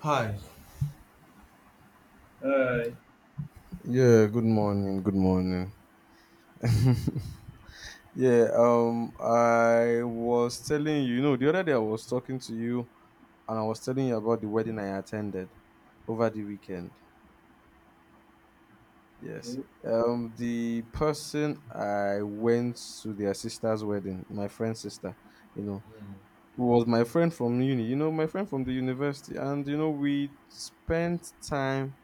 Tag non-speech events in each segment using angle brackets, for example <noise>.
Hi. Alright, Yeah, good morning. Good morning. Yeah, I was telling you, the other day I was talking to you, and I was telling you about the wedding I attended over the weekend. Yes. okay. The person I went to their sister's wedding, my friend's sister, you know, who was my friend from uni, my friend from the university. And, we spent time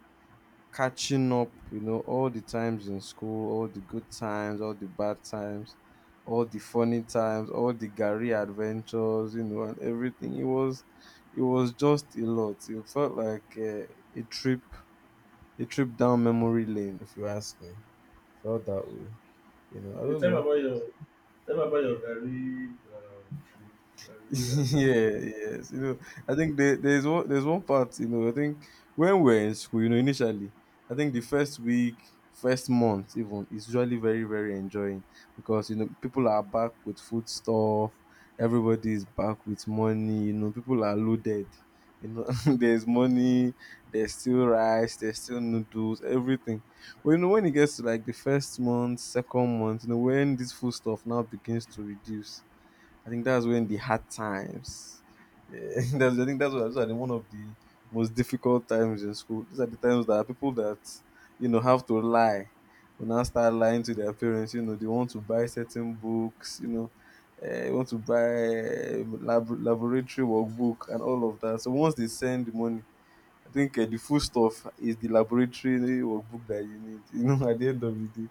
catching up, all the times in school, all the good times, all the bad times, all the funny times, all the Gary adventures, and everything. It was just a lot. It felt like a trip, a trip down memory lane, if you ask me. Felt that way. I Okay, don't tell me know. about your tell me about your garri trip, <laughs> garri Yeah, adventure. yes. I think there's one part, I think when we're in school, initially, I think the first week, first month even is usually very, very enjoying, because people are back with food stuff, everybody is back with money, people are loaded. You know, <laughs> there's money, there's still rice, there's still noodles, everything. But when it gets to like the first month, second month, when this food stuff now begins to reduce, I think that's when the hard times. Yeah, <laughs> that's, I think that's what, those are the, one of the most difficult times in school. These are the times that people that you know have to lie will now start lying to their parents. They want to buy certain books. Want to buy laboratory workbook and all of that. So once they send the money, I think the food stuff is the laboratory workbook that you need. <laughs> At the end of the day.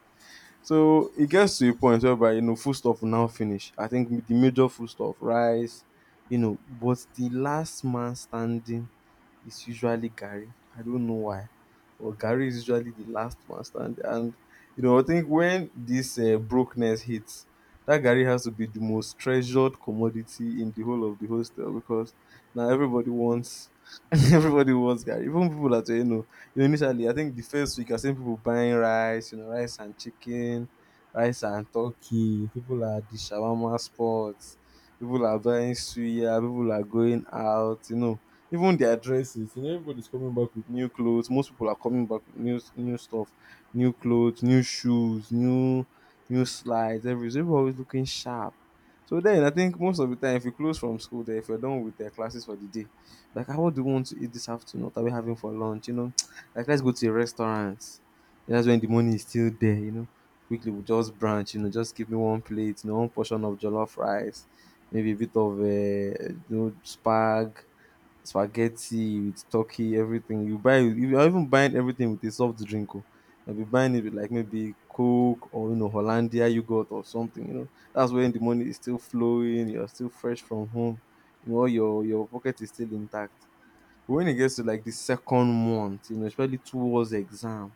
So it gets to a point whereby you know foodstuff will now finish. I think the major food stuff, rice, but the last man standing is usually Gary. I don't know why, but Gary is usually the last man standing. And I think when this brokenness hits, that Gary has to be the most treasured commodity in the whole of the hostel, because now everybody wants, <laughs> everybody wants Gary. Even people that you know initially, I think the first week I seen people buying rice, rice and chicken, rice and turkey. People are at the shawarma spots. People are buying suya. People are going out. Even their dresses. Everybody's coming back with new clothes. Most people are coming back with new stuff, new clothes, new shoes, new slides. Everything. Everybody always looking sharp. So then I think most of the time, if you close from school, there, if you're done with their classes for the day, like, what do you want to eat this afternoon? What are we having for lunch? Like, let's go to a restaurant. That's when the money is still there. Quickly we'll just branch, just give me one plate, one portion of jollof rice, maybe a bit of spaghetti with turkey, everything. You're even buying everything with a soft drink, oh, you'll be buying it with like maybe Coke or Hollandia yogurt or something. That's when the money is still flowing, you're still fresh from home, your pocket is still intact. But when it gets to like the second month, especially towards exam,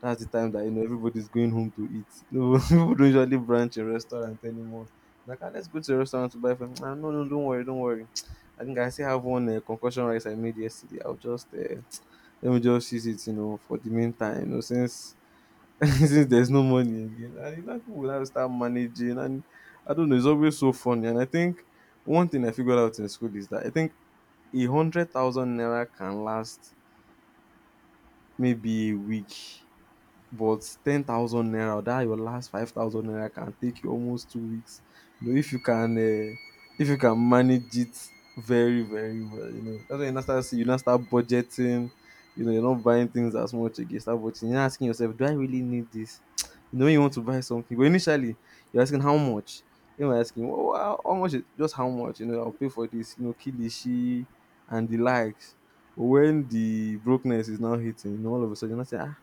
that's the time that you know everybody's going home to eat. <laughs> No, people don't usually branch a restaurant anymore. Like, let's go to a restaurant to buy from. Nah, no, no, don't worry, don't worry. <tsk> I think I still have one concussion rice I made yesterday. I'll just let me just use it, for the meantime, since <laughs> since there's no money again. And people will have to start managing, and I don't know. It's always so funny, and I think one thing I figured out in school is that I think 100,000 naira can last maybe a week, but 10,000 naira, that your last 5,000 naira can take you almost 2 weeks. You know, if you can uh, if you can manage it very, very well, you know that's when you now start see you now start budgeting. You're not buying things as much again. Start budgeting. You're not asking yourself, do I really need this? <tsk> When you want to buy something, but initially you're asking how much. Asking well, how much? Just how much? I'll pay for this. Kilishi and the likes. But when the brokenness is now hitting, all of a sudden you're not saying,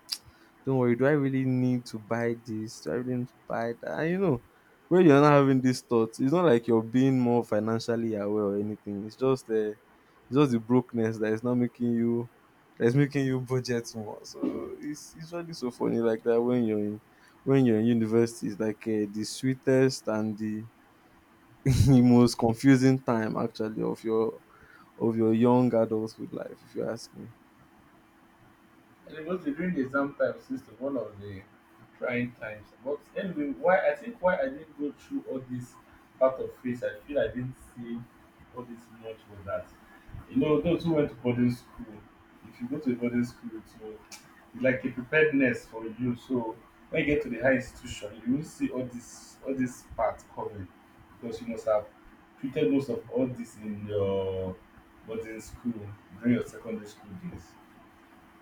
don't worry, do I really need to buy this? Do I really need to buy that? And when you're not having these thoughts, it's not like you're being more financially aware or anything. It's just the brokenness that is not making you that is making you budget more. So it's really so funny like that when you're in university. It's like the sweetest and the, <laughs> the most confusing time actually of your young adulthood life, if you ask me. And it was during the exam time seems to one of the trying times. But anyway, why I think why I didn't go through all this part of face, I feel I didn't see all this much was that. You know, those who went to boarding school, if you go to a boarding school, it's like a preparedness for you. So when you get to the high institution, you will see all this part coming because you must have treated most of all this in your boarding school during your secondary school days.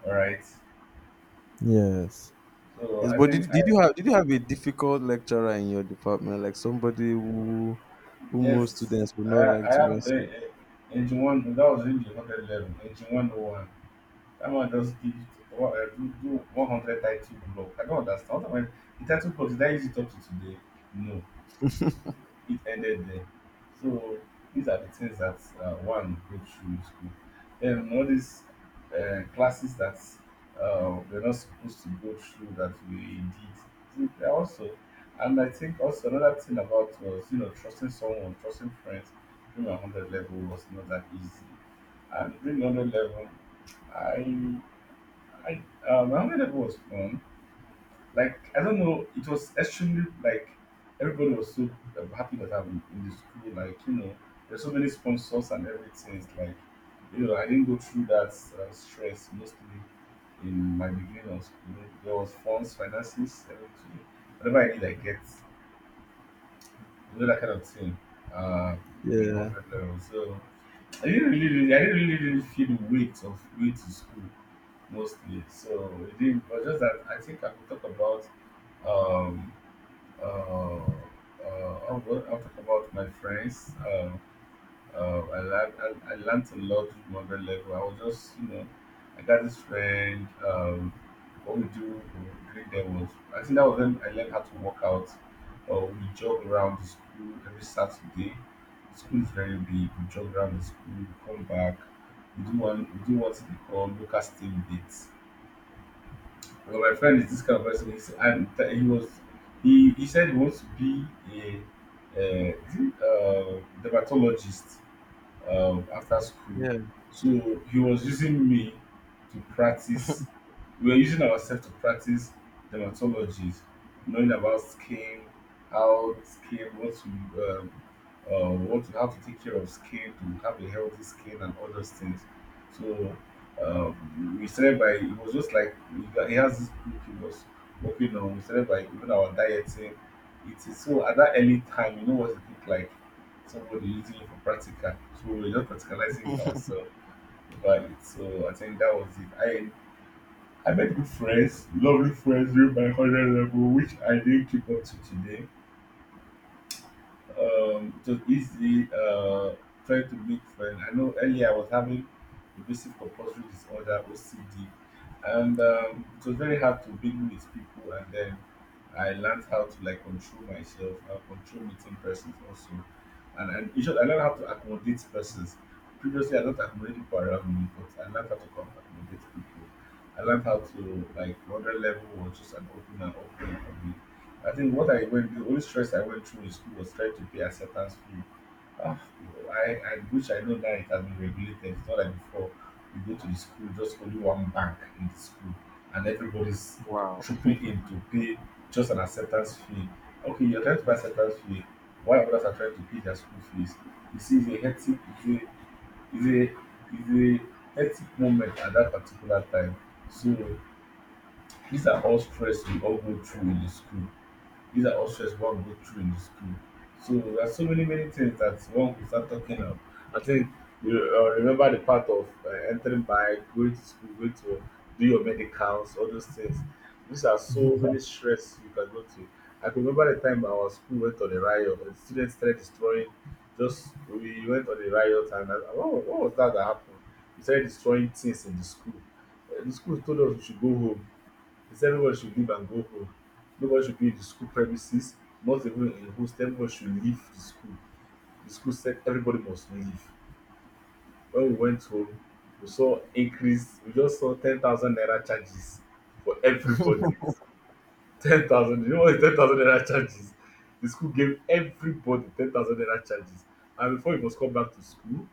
All right. Yes. So Yes, I but think did, did you I have did you have a difficult lecturer in your department, like somebody who most guess students would I, not I like to have mess the with? Engine one. That was engine 111, engine 101. That one just give what I do, do 100 title block. I don't understand. What am I? The title block is that easy to up to today? No. It ended there. So these are the things that one goes through in school. Then all these classes that we're not supposed to go through that we did they are also. And I think also another thing about was you know trusting someone, trusting friends during my 100 level was not that easy. And during 100 level, I I my hundred level was fun like I don't know, it was extremely like everybody was so happy that I'm in the school. Like you know, there's so many sponsors and everything. It's like you know, I didn't go through that stress mostly in my beginning of school. There was funds, finances, everything. Whatever I need, I get. You know that kind of thing. Uh, doing Yeah, 100 level. So I didn't really, really feel the weight of going to school mostly. So it didn't. But just that I think I could talk about. um uh, I will I talk about my friends. I learned I learned a lot from other level. I was just you know I got this friend. What we do during greet them was I think that was when I learned how to work out. We jog around the school every Saturday. The school is very big. We jog around the school. We come back. We do one. We do what they call local steam dates well, my friend is this kind of person. He's, and th- he was, he said he wants to be a, dermatologist after school. yeah. So he was using me to practice. We were using ourselves to practice dermatologies, knowing about skin, how skin, what to, how to take care of skin to have a healthy skin and all those things. So we started by it was just like we got- he has this group he was working on. We started by even our dieting. It is so at that early time, you know what it looked like somebody using it for practical. So we were just practicalizing it ourselves over it. So I think that was it. I made good friends, lovely friends during my 100 level, which I didn't keep up to today it was easy trying to make friends. I know earlier I was having obsessive compulsory disorder OCD, and it was very hard to mingle with people. And then I learned how to like control myself, control meeting persons also, and in short, I learned how to accommodate persons. Previously, I don't accommodate people around me, but I learned how to com- accommodate people. I learned how to like another level was just an open and open for me. I think what I went the only stress I went through in school was trying to pay acceptance fee. Ah, I wish I know that it has been regulated. It's not like before you go to the school, just only one bank in the school, and everybody's Wow. trooping in to pay just an acceptance fee. Okay, you're trying to pay acceptance fee. Why others are trying to pay their school fees? You see, it's a hectic, it's a, it's a, it's a hectic moment at that particular time. So these are all stress we all go through in the school these are all stress one go through in the school. So there are so many many things that one could start talking of. I think you remember the part of entering bike, going to school, going to do your medicals, all those things. These are so many stress you can go to. I can remember the time our school went on a riot and students started destroying. Just we went on a riot and what was that that happened? We started destroying things in the school. The school told us we should go home he said everyone should leave and go home. Nobody should be in the school premises, not even in host. Everyone should leave the school. The school said everybody must leave. When we went home, we saw increase. We just saw 10,000 naira charges for everybody. 10,000. You know what is 10,000 naira charges? The school gave everybody 10,000 naira charges, and before you must come back to school,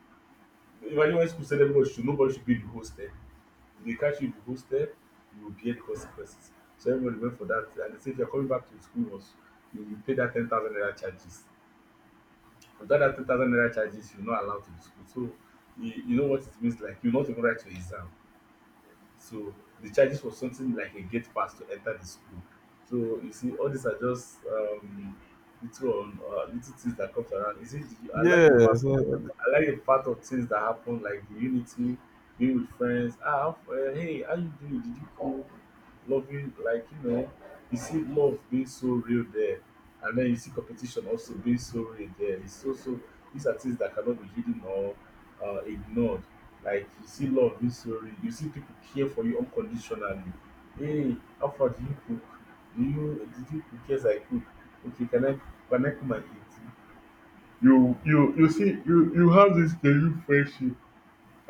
imagine when school said everybody should nobody should be in the hostel. If they catch you in the hostel, you will bear the consequences. So everybody went for that. And they say if you're coming back to school, was you will pay that 10,000 naira charges. Without that 10,000 naira charges, you're not allowed to the school. So you know what it means like you're not even write your exam. So the charges was something like a gate pass to enter the school. So you see, all these are just little on little things that comes around. You see, the, I like Yeah. the fact So. I like the part of things that happen, like the unity, being with friends. Hey, how you doing? Did you cool? Loving, like you know, you see love being so real there, and then you see competition also being so real there. It's so so. These are things that cannot be hidden or ignored. Like you see love being so real. You see people care for you unconditionally. Hey, how far do you cook? Do you did you cook? Yes, I cook. Okay, can I come and eat? You see you have this genuine friendship.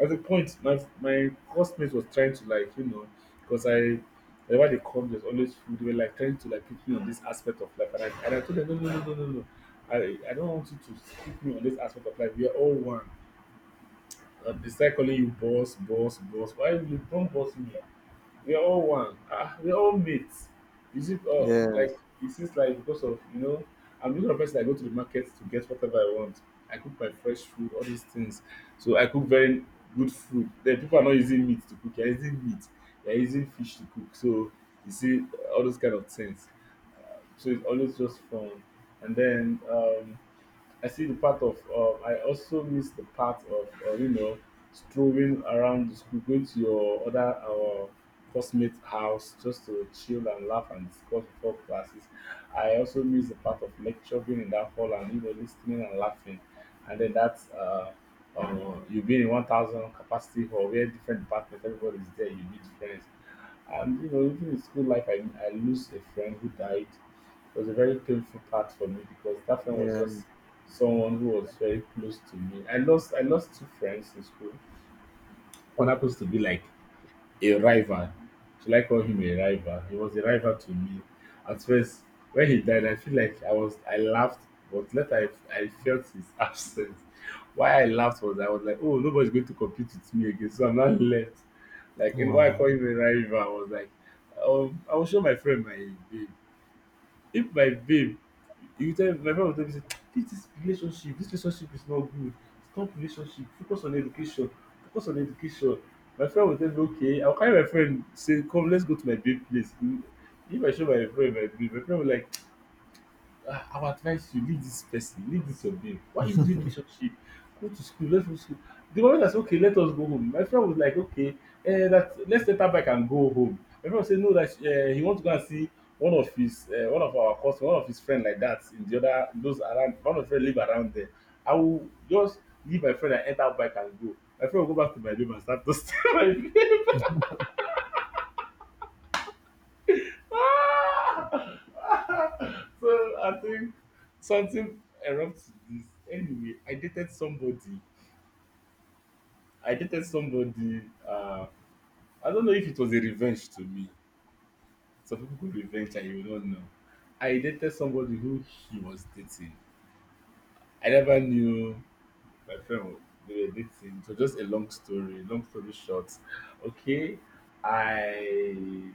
At a point, my housemate was trying to like you know, because I whenever they come, there's always food. They were like trying to like pick me on this aspect of life, and I told them no no no no no no. I don't want you to pick me on this aspect of life. We are all one. They start calling you boss, boss, boss. Why you don't boss me? We are all one. Ah, we are all mates. You see, like Yes. it seems like because of you know, I'm the kind of person that go to the market to get whatever I want. I cook my fresh food, all these things. So I cook very good food. Then people are not using meat to cook. They're using meat. They're using fish to cook. So you see all those kind of things. So it's always just fun. And then I see the part of I also miss the part of you know strolling around the school, going to your other our classmates' house just to chill and laugh and discuss before classes. I also miss the part of lecture being in that hall and you know listening and laughing, and then that's you being in 1,000 capacity hall where different department everybody's there you meet friends and you know, even in school life, I lose a friend who died. It was a very painful part for me because that friend was Yeah. just someone who was very close to me. I lost 2 friends in school. One happens to be like a rival. Should I call him a rival? He was a rival to me. At first, when he died, I feel like I laughed, but later I felt his <laughs> absence. Why I laughed was I was like, oh, nobody's going to compete with me again, so I'm not left. Like you know why I Wow. call him a rival, I was like, I will show my friend my babe. If my babe, you tell my friend will tell me say, this is relationship, this relationship is not good. Stop relationship, focus on education, focus on education. My friend will tell me, okay, I'll carry my friend, say, come, let's go to my babe place. If I show my friend my babe, my friend will like, I will advise you leave this person, leave this your babe. Why are you doing relationship? Go to school, let's go to school. The moment I said, okay, let us go home. My friend was like, okay, that let's take her back and go home. My friend said, no, that he wants to go and see one of his, one of our cousin, one of his friend like that in the other, those around, one of them live around there. I will just leave my friend and enter back and go. My friend will go back to my room and start to <laughs> steal my <laughs> so I think something erupts this. Anyway, I dated somebody. I dated somebody. I don't know if it was a revenge to me. Some people could revenge and you don't know. I dated somebody who he was dating. I never knew my friend they were dating. So just a long story. Long story short. Okay. I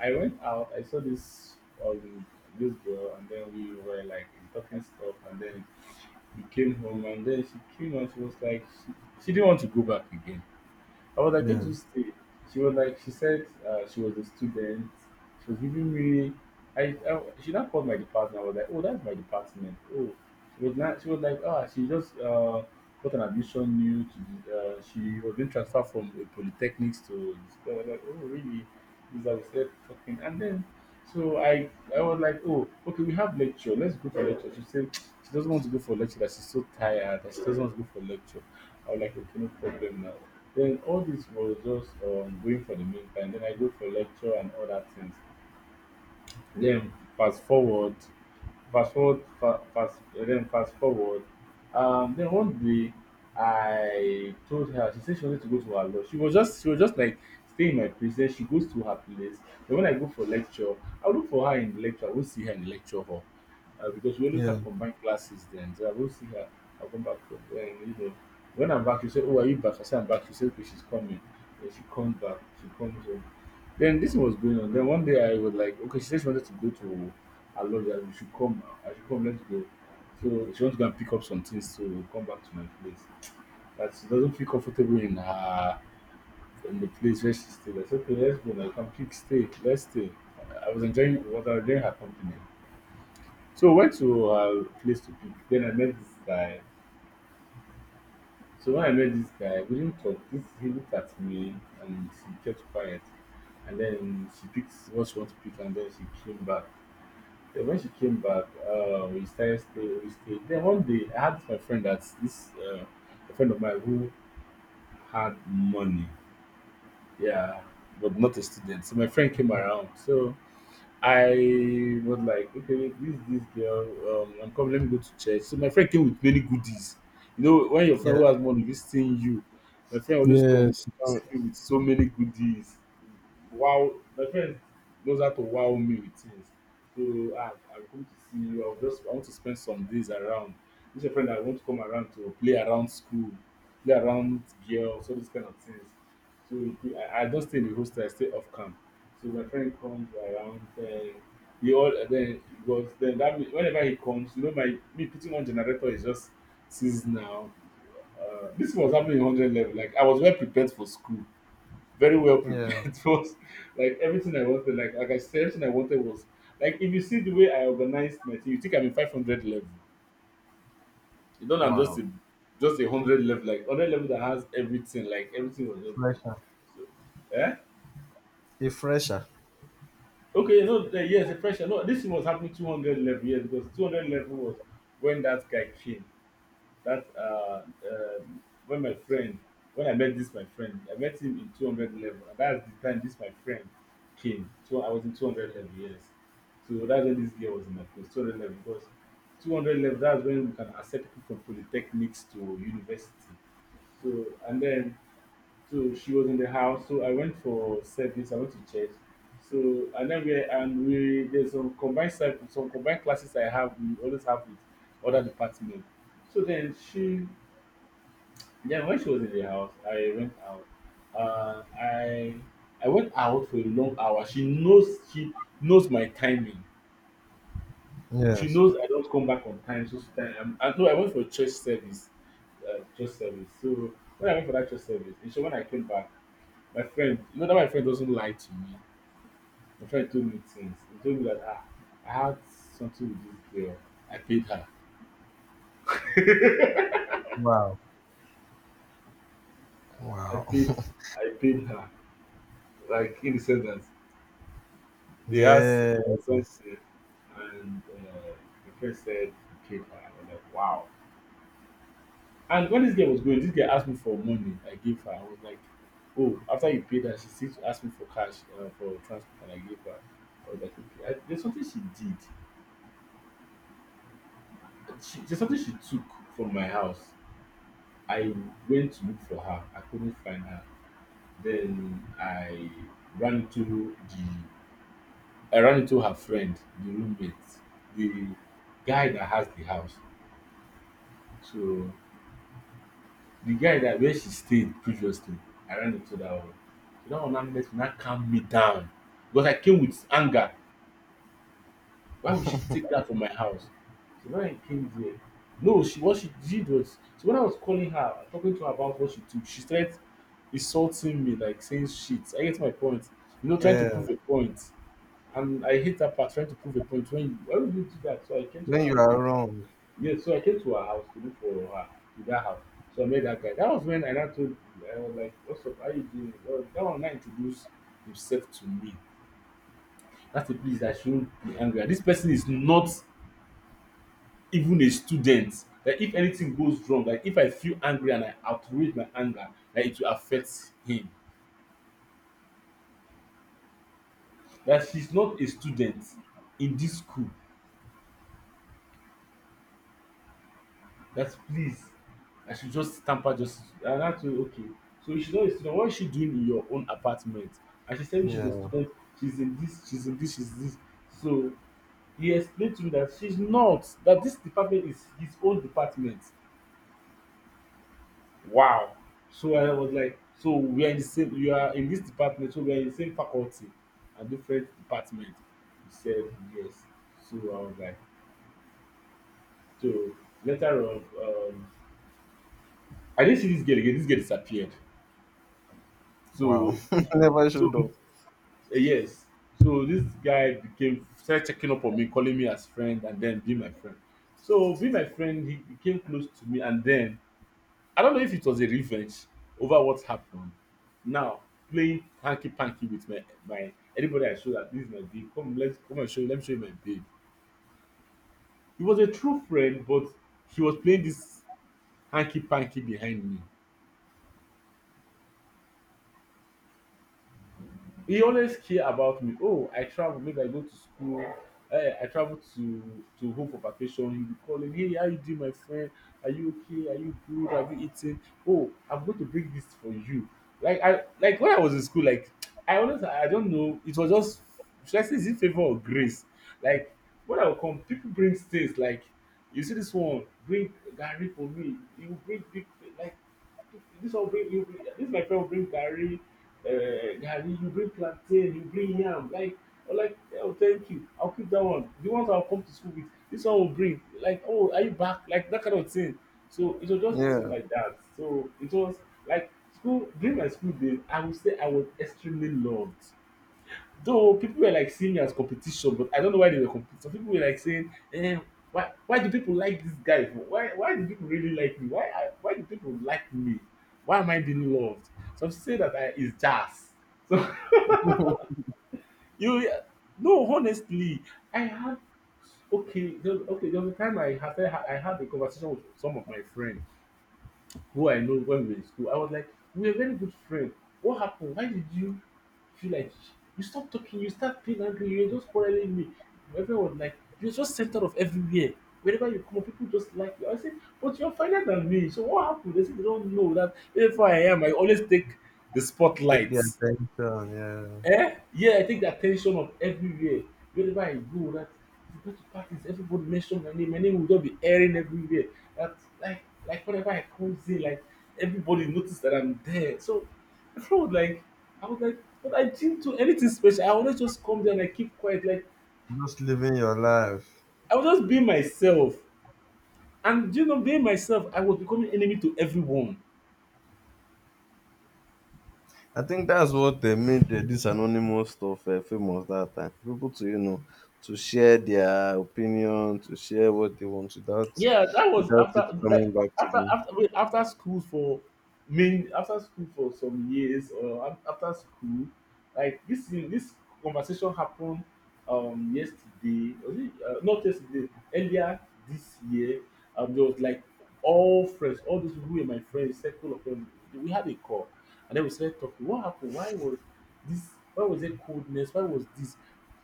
I went out, I saw this um this girl, and then we were like talking stuff, and then we came home, and then she came, and she was like she didn't want to go back again. I was like, where do Yeah. you stay? She was like, she said she was a student. She was giving me. I she now called my department. I was like, oh, that's my department. Oh, she was not. She was like, ah, she just got an admission new to. She was being transferred from a polytechnics to this. I was like, oh, really? This I was there talking, and then so I was like, oh, okay, we have lecture. Let's go for lecture. She said she doesn't want to go for lecture. That she's so tired. That she doesn't want to go for lecture. I was like, okay, no problem now. Then all this was just going for the meantime. Then I go for lecture and other things. Then fast forward, fast forward, fast then fast forward. Then one day I told her she said she wanted to go to her lodge. She was just like staying in my place. Then she goes to her place. Then when I go for lecture, I will look for her in the lecture. I will see her in the lecture hall, because we always Yeah. have combined classes then. So I will see her. I'll come back home. Then, when I'm back, she say, "Oh, are you back?" I say, "I'm back." She say, "Okay, she's coming." Then she comes back. She comes home. Then this was going on. Then one day I was like, okay, she said she wanted to go to her lodge, and we should come. I should come. Let's go. So she wants to go and pick up some things to come back to my place. That she doesn't feel comfortable in the place where she stayed. I said, okay, let's go. Like, come pick, stay. Let's stay. I was enjoying her company. So I went to her place to pick. Then I met this guy. So when I met this guy, we didn't talk. This, he looked at me, and she kept quiet. And then she picked what she wanted to pick, and then she came back. Yeah, when she came back, we stayed. Then one day, I had my friend that's this a friend of mine who had money, yeah, but not a student. So my friend came around. So I was like, okay, wait, this girl, I'm coming. Let me go to church. So my friend came with many goodies. You know, when your friend Yeah. who has money visiting you, my friend always come Yes, with so many goodies. Wow, my friend knows how to wow me with things. So I'm coming to see you. I want to spend some days around. This is a friend I want to come around to play around school, play around girls, all these kind of things. So I don't stay in the hostel. I stay off campus, so my friend comes around, then he all then it was then that whenever he comes, you know my me putting on generator is just seasonal. This was happening in 100 level. Like I was well prepared for school, very well yeah. prepared <laughs> for like everything I wanted. Like I said, everything I wanted was like if you see the way I organized my thing, you think I'm in 500 level. You don't I'm just Wow. a 100 level like 100 level that has everything. Like everything was just there. Fresher. So, eh? A fresher. Okay, no, yes, the pressure. No, this thing was happening 200 level, yes, because 200 level was when that guy came. That, when my friend, when I met this my friend, I met him in 200 level. And that's the time this my friend came. So I was in 200 level, yes. So that's when this girl was in my place, 200 level, because 200 level, that's when we can accept people from polytechnics to university. So, and then so she was in the house. So I went for service. I went to church. So and then we there's some combined service, some combined classes I have. We always have with other department. So then she, yeah, when she was in the house, I went out. Uh, I I went out for a long hour. She knows my timing. She Yes. knows I don't come back on time. So she, I, no, I went for church service, church service. So when I went for that church service, and so when I came back. My friend, you know that my friend doesn't lie to me. My friend told me things. He told me that I had something with this girl. I paid her. Wow. I Wow. paid. I paid her. Like in the sense that they asked Yes. something, and my friend said he paid her. I'm like, wow. And when this girl was going, this girl asked me for money. I gave her. I was like, oh, after you paid her, she still asked me for cash, for transport, and I gave her. I was like, okay. There's something she did. She, there's something she took from my house. I went to look for her. I couldn't find her. Then I ran into her friend, the roommate, the guy that has the house. So the guy that where she stayed previously, I ran into that one. So that one now met me, now calm me down because I came with anger. Why would she take that from my house? So when I came there, no, she what she did was so when I was calling her, talking to her about what she took, she started insulting me, like saying shit. I get my point. You know, trying to Yeah. prove a point. And I hate that part, trying to prove a point. Why would you do that? So I came to her When you house. are wrong. Yes, so I came to her house to look for her to that house. So I met that guy. That was when I now told I was like, what's up? How you doing? Well, that one now introduced himself to me. That's a place I shouldn't be angry at. This person is not even a student, that if anything goes wrong, like if I feel angry and I outrage my anger, that it will affect him, that she's not a student in this school, that please I should just tamper justice. And I told her, okay, so she's not a student, what is she doing in your own apartment? And she said me she's a Yeah. student. She's in this she's this. So he explained to me that she's not, that this department is his own department. Wow! So I was like, so we are in the same, you are in this department, so we are in the same faculty and different department. He said yes. So I was like, so later on, I didn't see this girl again. This girl disappeared. Wow. So, <laughs> Never so showed up. yes. So this guy became started checking up on me, calling me as friend, and then be my friend. So be my friend, he became close to me, and then I don't know if it was a revenge over what happened. Now playing hanky panky with my anybody I show that this is my babe. Come let's come and show you. Let me show you my babe. He was a true friend, but he was playing this hanky panky behind me. He always care about me. Oh, I travel, maybe I go to school. I travel to home for vacation. He be calling, hey, how you doing, my friend? Are you okay? Are you good? Have you eaten? Oh, I'm going to bring this for you. Like, I like when I was in school, like <tsk> I don't know, it was just, should I say, is it favour or grace? Like, when I go come, people bring things, like, you see, this one bring garri for me. You bring big, like, this one bring you bring this, my friend bring garri, garri, you bring plantain, you bring yam, like, I'm like, oh, thank you, I'll keep that one, the ones I'll come to school with. This one will bring like, oh, are you back, like that kind of thing. So it was just so Yeah. like that. So it was like, school, during my school days, I would say I was extremely loved. Though people were like seeing me as competition, but I don't know why they were competing. Some people were like saying, why do people like this guy for? Why do people really like me? Why do people like me? Why am I being loved? Some say that I is jazz. So <laughs> <laughs> you, no, honestly, I had, okay there was a time I had a conversation with some of my friends who I know when we were in school. I was like, we were very good friends. What happened? Why did you feel like you stopped talking? You start being angry. You're just quarreling with me. Everyone was like, you're just center of everywhere. Wherever you come, people just like you. I said, but you're finer than me. So what happened? They said they don't know that if I am, I always take the Take spotlight. their attention, yeah. Eh? Yeah, I take the attention of everywhere. Wherever I go, that, if you go to parties, everybody mention my name. My name will just be airing everywhere. That, like, whenever I close in, like everybody notice that I'm there. So I was like, but I didn't do anything special. I always just come there and I keep quiet. Like Just living your life. I was just being myself. And do you know, being myself, I was becoming enemy to everyone. I think that's what they made this anonymous stuff famous that time. For people to to share their opinion, to share what they want without Yeah, that was without it after like, coming back to them. After school for main, after school for some years, or after school, like this conversation happened, yesterday, was it, not yesterday, earlier this year. There was like all friends, all those people who were my friends, circle of them, we had a call. And then we started talking, what happened, why was this, why was it coldness, why was this.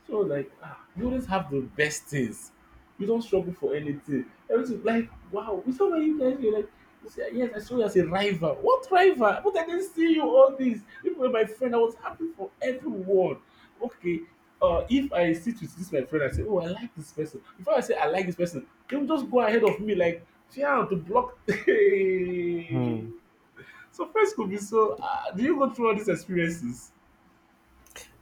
So like, ah, we always have the best things, you don't struggle for anything. Everything like wow. We saw when you guys were like, you say, yes, I saw you as a rival. What rival? But I didn't see you all this. Even you, my friend, I was happy for everyone. Okay. If I sit with this my friend, I say, oh, I like this person. Before I say I like this person, they will just go ahead of me like, yeah, to block. <laughs> Hmm. So friends could be so. Do you go through all these experiences?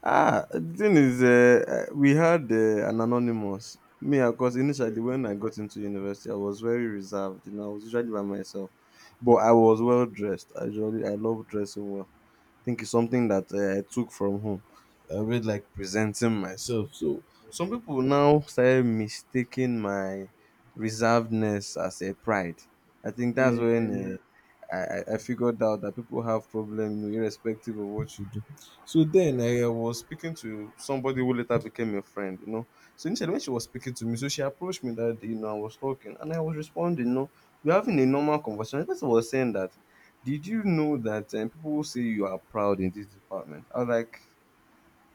Ah, the thing is, we had an anonymous. Me, of course, initially when I got into university, I was very reserved. I was usually by myself, but I was well dressed. I love dressing well. Think it's something that I took from home. I really like presenting myself. So some people now started mistaking my reservedness as a pride. I think Yeah, that's yeah, yeah. when I figured out that people have problem, irrespective of what you do. So then I was speaking to somebody who later became a friend. So initially when she was speaking to me, so she approached me that day, I was talking and I was responding, we're having a normal conversation. The person was saying that did you know that people say you are proud in this department? I was like,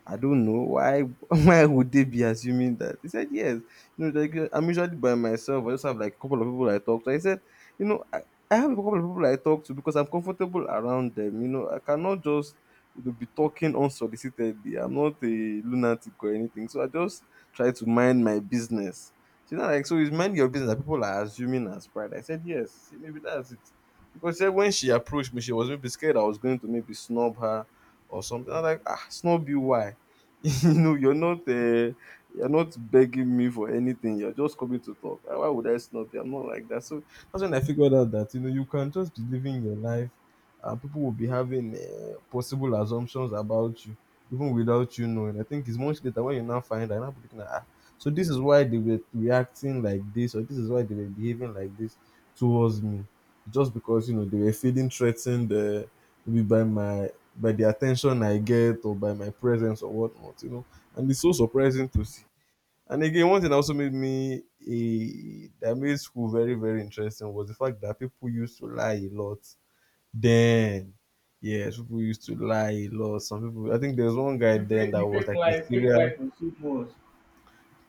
I don't know why <laughs> why would they be assuming that? He said, yes. Like, I'm usually by myself. I just have like a couple of people I talk to. I said, you know, I, I have a couple of people I talk to because I'm comfortable around them. I cannot just be talking unsolicitedly. I'm not a lunatic or anything. So I just try to mind my business. She's not like, so is mind your business that people are assuming as pride. I said, yes, see, maybe that's it. Because she said when she approached me, she was maybe scared I was going to maybe snub her or something. I'm like, Snob you why? <laughs> No, you're not begging me for anything. You're just coming to talk. Ah, why would I snub you? I'm not like that. So that's when I figured out that you can just be living your life, and people will be having possible assumptions about you even without you knowing. I think it's much later when you now find out. Now people looking at so this is why they were reacting like this, or this is why they were behaving like this towards me, just because they were feeling threatened maybe by my by the attention I get or by my presence or whatnot. And it's so surprising to see. And again, one thing that also made me that made school very, very interesting was the fact that people used to lie a lot then. Yes, people used to lie a lot. Some people, I think there's one guy then You that was like a fake serial life was so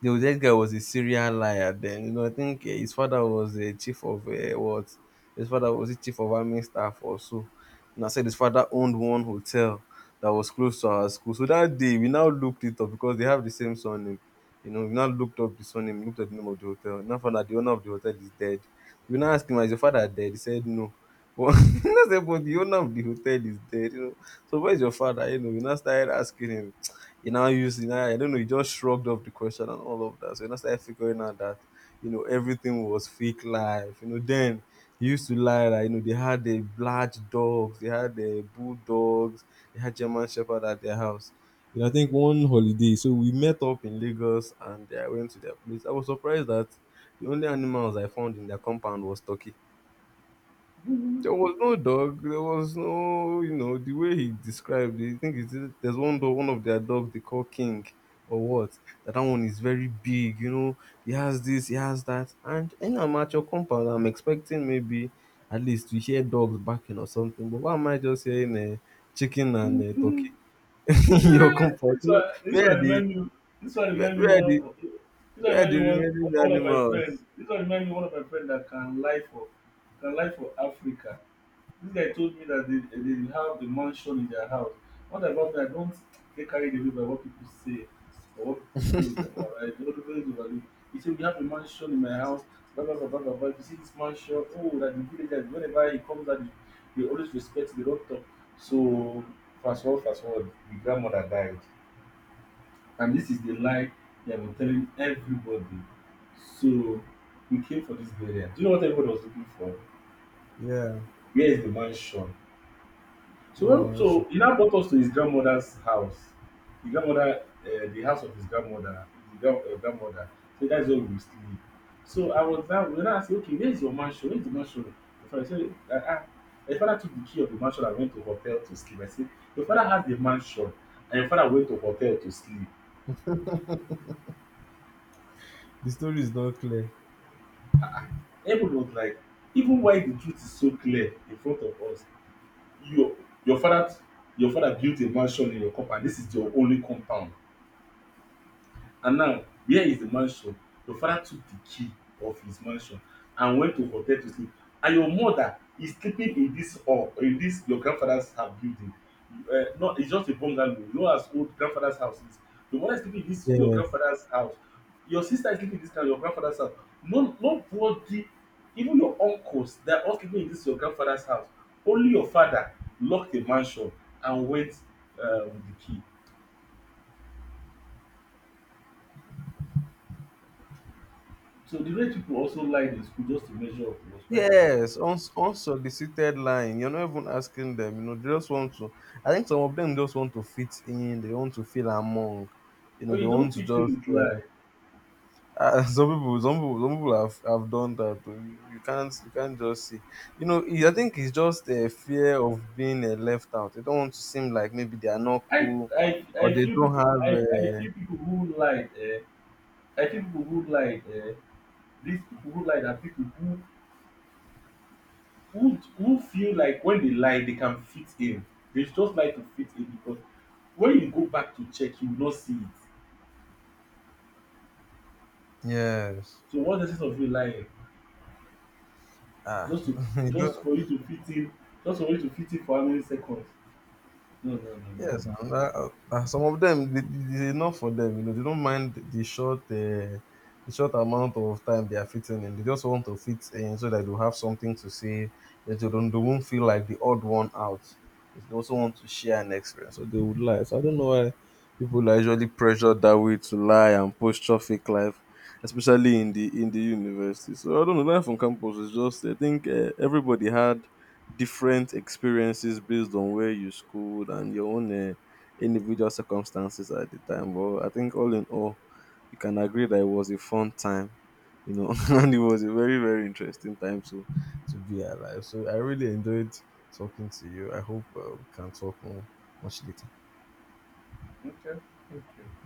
the that guy was a serial liar then, you know. I think his father was a chief of what his father was a chief of army staff or so, and I said his father owned one hotel that was close to our school. So that day we now looked it up, because they have the same surname, you know. We now looked up the surname, looked at the name of the hotel, and now found out the owner of the hotel is dead. We now asked him, "Is your father dead?" He said no, but <laughs> he now said but the owner of the hotel is dead, you know. So where's your father? You know, we now started asking him. He now used, I don't know, he just shrugged off the question and all of that. So when I started figuring out that, everything was fake life, you know, then. He used to lie that, they had the large dogs, they had the bulldogs, they had German Shepherd at their house. You know, I think one holiday, so we met up in Lagos and I went to their place. I was surprised that the only animals I found in their compound was turkey. There was no dog. There was no, you know, the way he described it. I think it's, there's one dog, one of their dogs, they call King or what. That that one is very big. You know, he has this, he has that, and in a mature compound, I'm expecting maybe at least to hear dogs barking or something. But why am I just hearing chicken and much. <laughs> Turkey <laughs> in Eh, your compound? this one this where are one the remind me, this one where, remind me where are the one this one where are remind the me one remaining one of my friend, animals? this one remind me one of my friend that can lie for Africa. This guy told me that they have the mansion in their house. What about me? I don't get carried away by what people say or what people say in their mouth. Don't always overlook. He said we have a mansion in my house. Blah blah blah blah blah, blah. If you see this mansion, oh, that the villagers whenever he comes out, they always respect. They don't talk. So fast forward, the grandmother died. And this is the lie they have been telling everybody. So we came for this burial. Do you know what everybody was looking for? Yeah, Where is the mansion? no So when, man. so he now brought us to his grandmother's house. The grandmother, the house of his grandmother, grandmother. So that's where we will sleep. So I was now, when I said, okay, where's your mansion? Where's the mansion? The father said, ah, ah. The father took the key of the mansion and went to hotel to sleep. I said, your father has the mansion, and your father went to hotel to sleep. The story is not clear. Ah, ah. Everyone was like, even while the truth is so clear in front of us, your your father your father built a mansion in your compound. This is your only compound. And now, here is the mansion. Your father took the key of his mansion and went to hotel to sleep. And your mother is sleeping in this hall, in this your grandfather's house building. No, it's just a bungalow. You know as old grandfather's house is. Your mother is sleeping in this your Yeah. grandfather's house. Your sister is sleeping in this kind your grandfather's house. No, nobody, even your uncles, they are all sleeping in this your grandfather's house. Only your father locked the mansion and went with the key. So the way people also lied in school just to measure up was quite another. Yes, unsolicited lying. You're not even asking them, you know, they just want to— I think some of them just want to fit in, they want to feel among. You know, But they you want don't to fit in just with lie. <laughs> Some people have done that. Oh, you can't just see. You know, I think it's just a fear of being left out. They don't want to seem like maybe they are not I cool, I or I they feel don't people, have, I uh, feel people who lied. Eh, I feel people who lied. Eh, these people who lied are people who feel like when they lie they can fit in. They just like to fit in, because when you go back to check you will not see it. yes. So what's the sense of you lying? Ah, Just to, <laughs> you just don't— for you to fit in. Just for you to fit in for how many seconds? No no no no. Yes, no. and some of them it's enough for them. You know, they don't mind the short amount of time they are fitting in. They just want to fit in so that they have something to say. That they don't, they won't feel like the odd one out. They also want to share an experience, so they would lie. So I don't know why people are usually pressured that way to lie and posture fake life, especially in the university. So I don't know. Life on campus is just— I think everybody had different experiences based on where you schooled and your own individual circumstances at the time. But I think all in all, you can agree that it was a fun time, you know, <laughs> and it was a very very interesting time to be alive. So I really enjoyed talking to you. I hope we can talk more much later. Okay. Okay.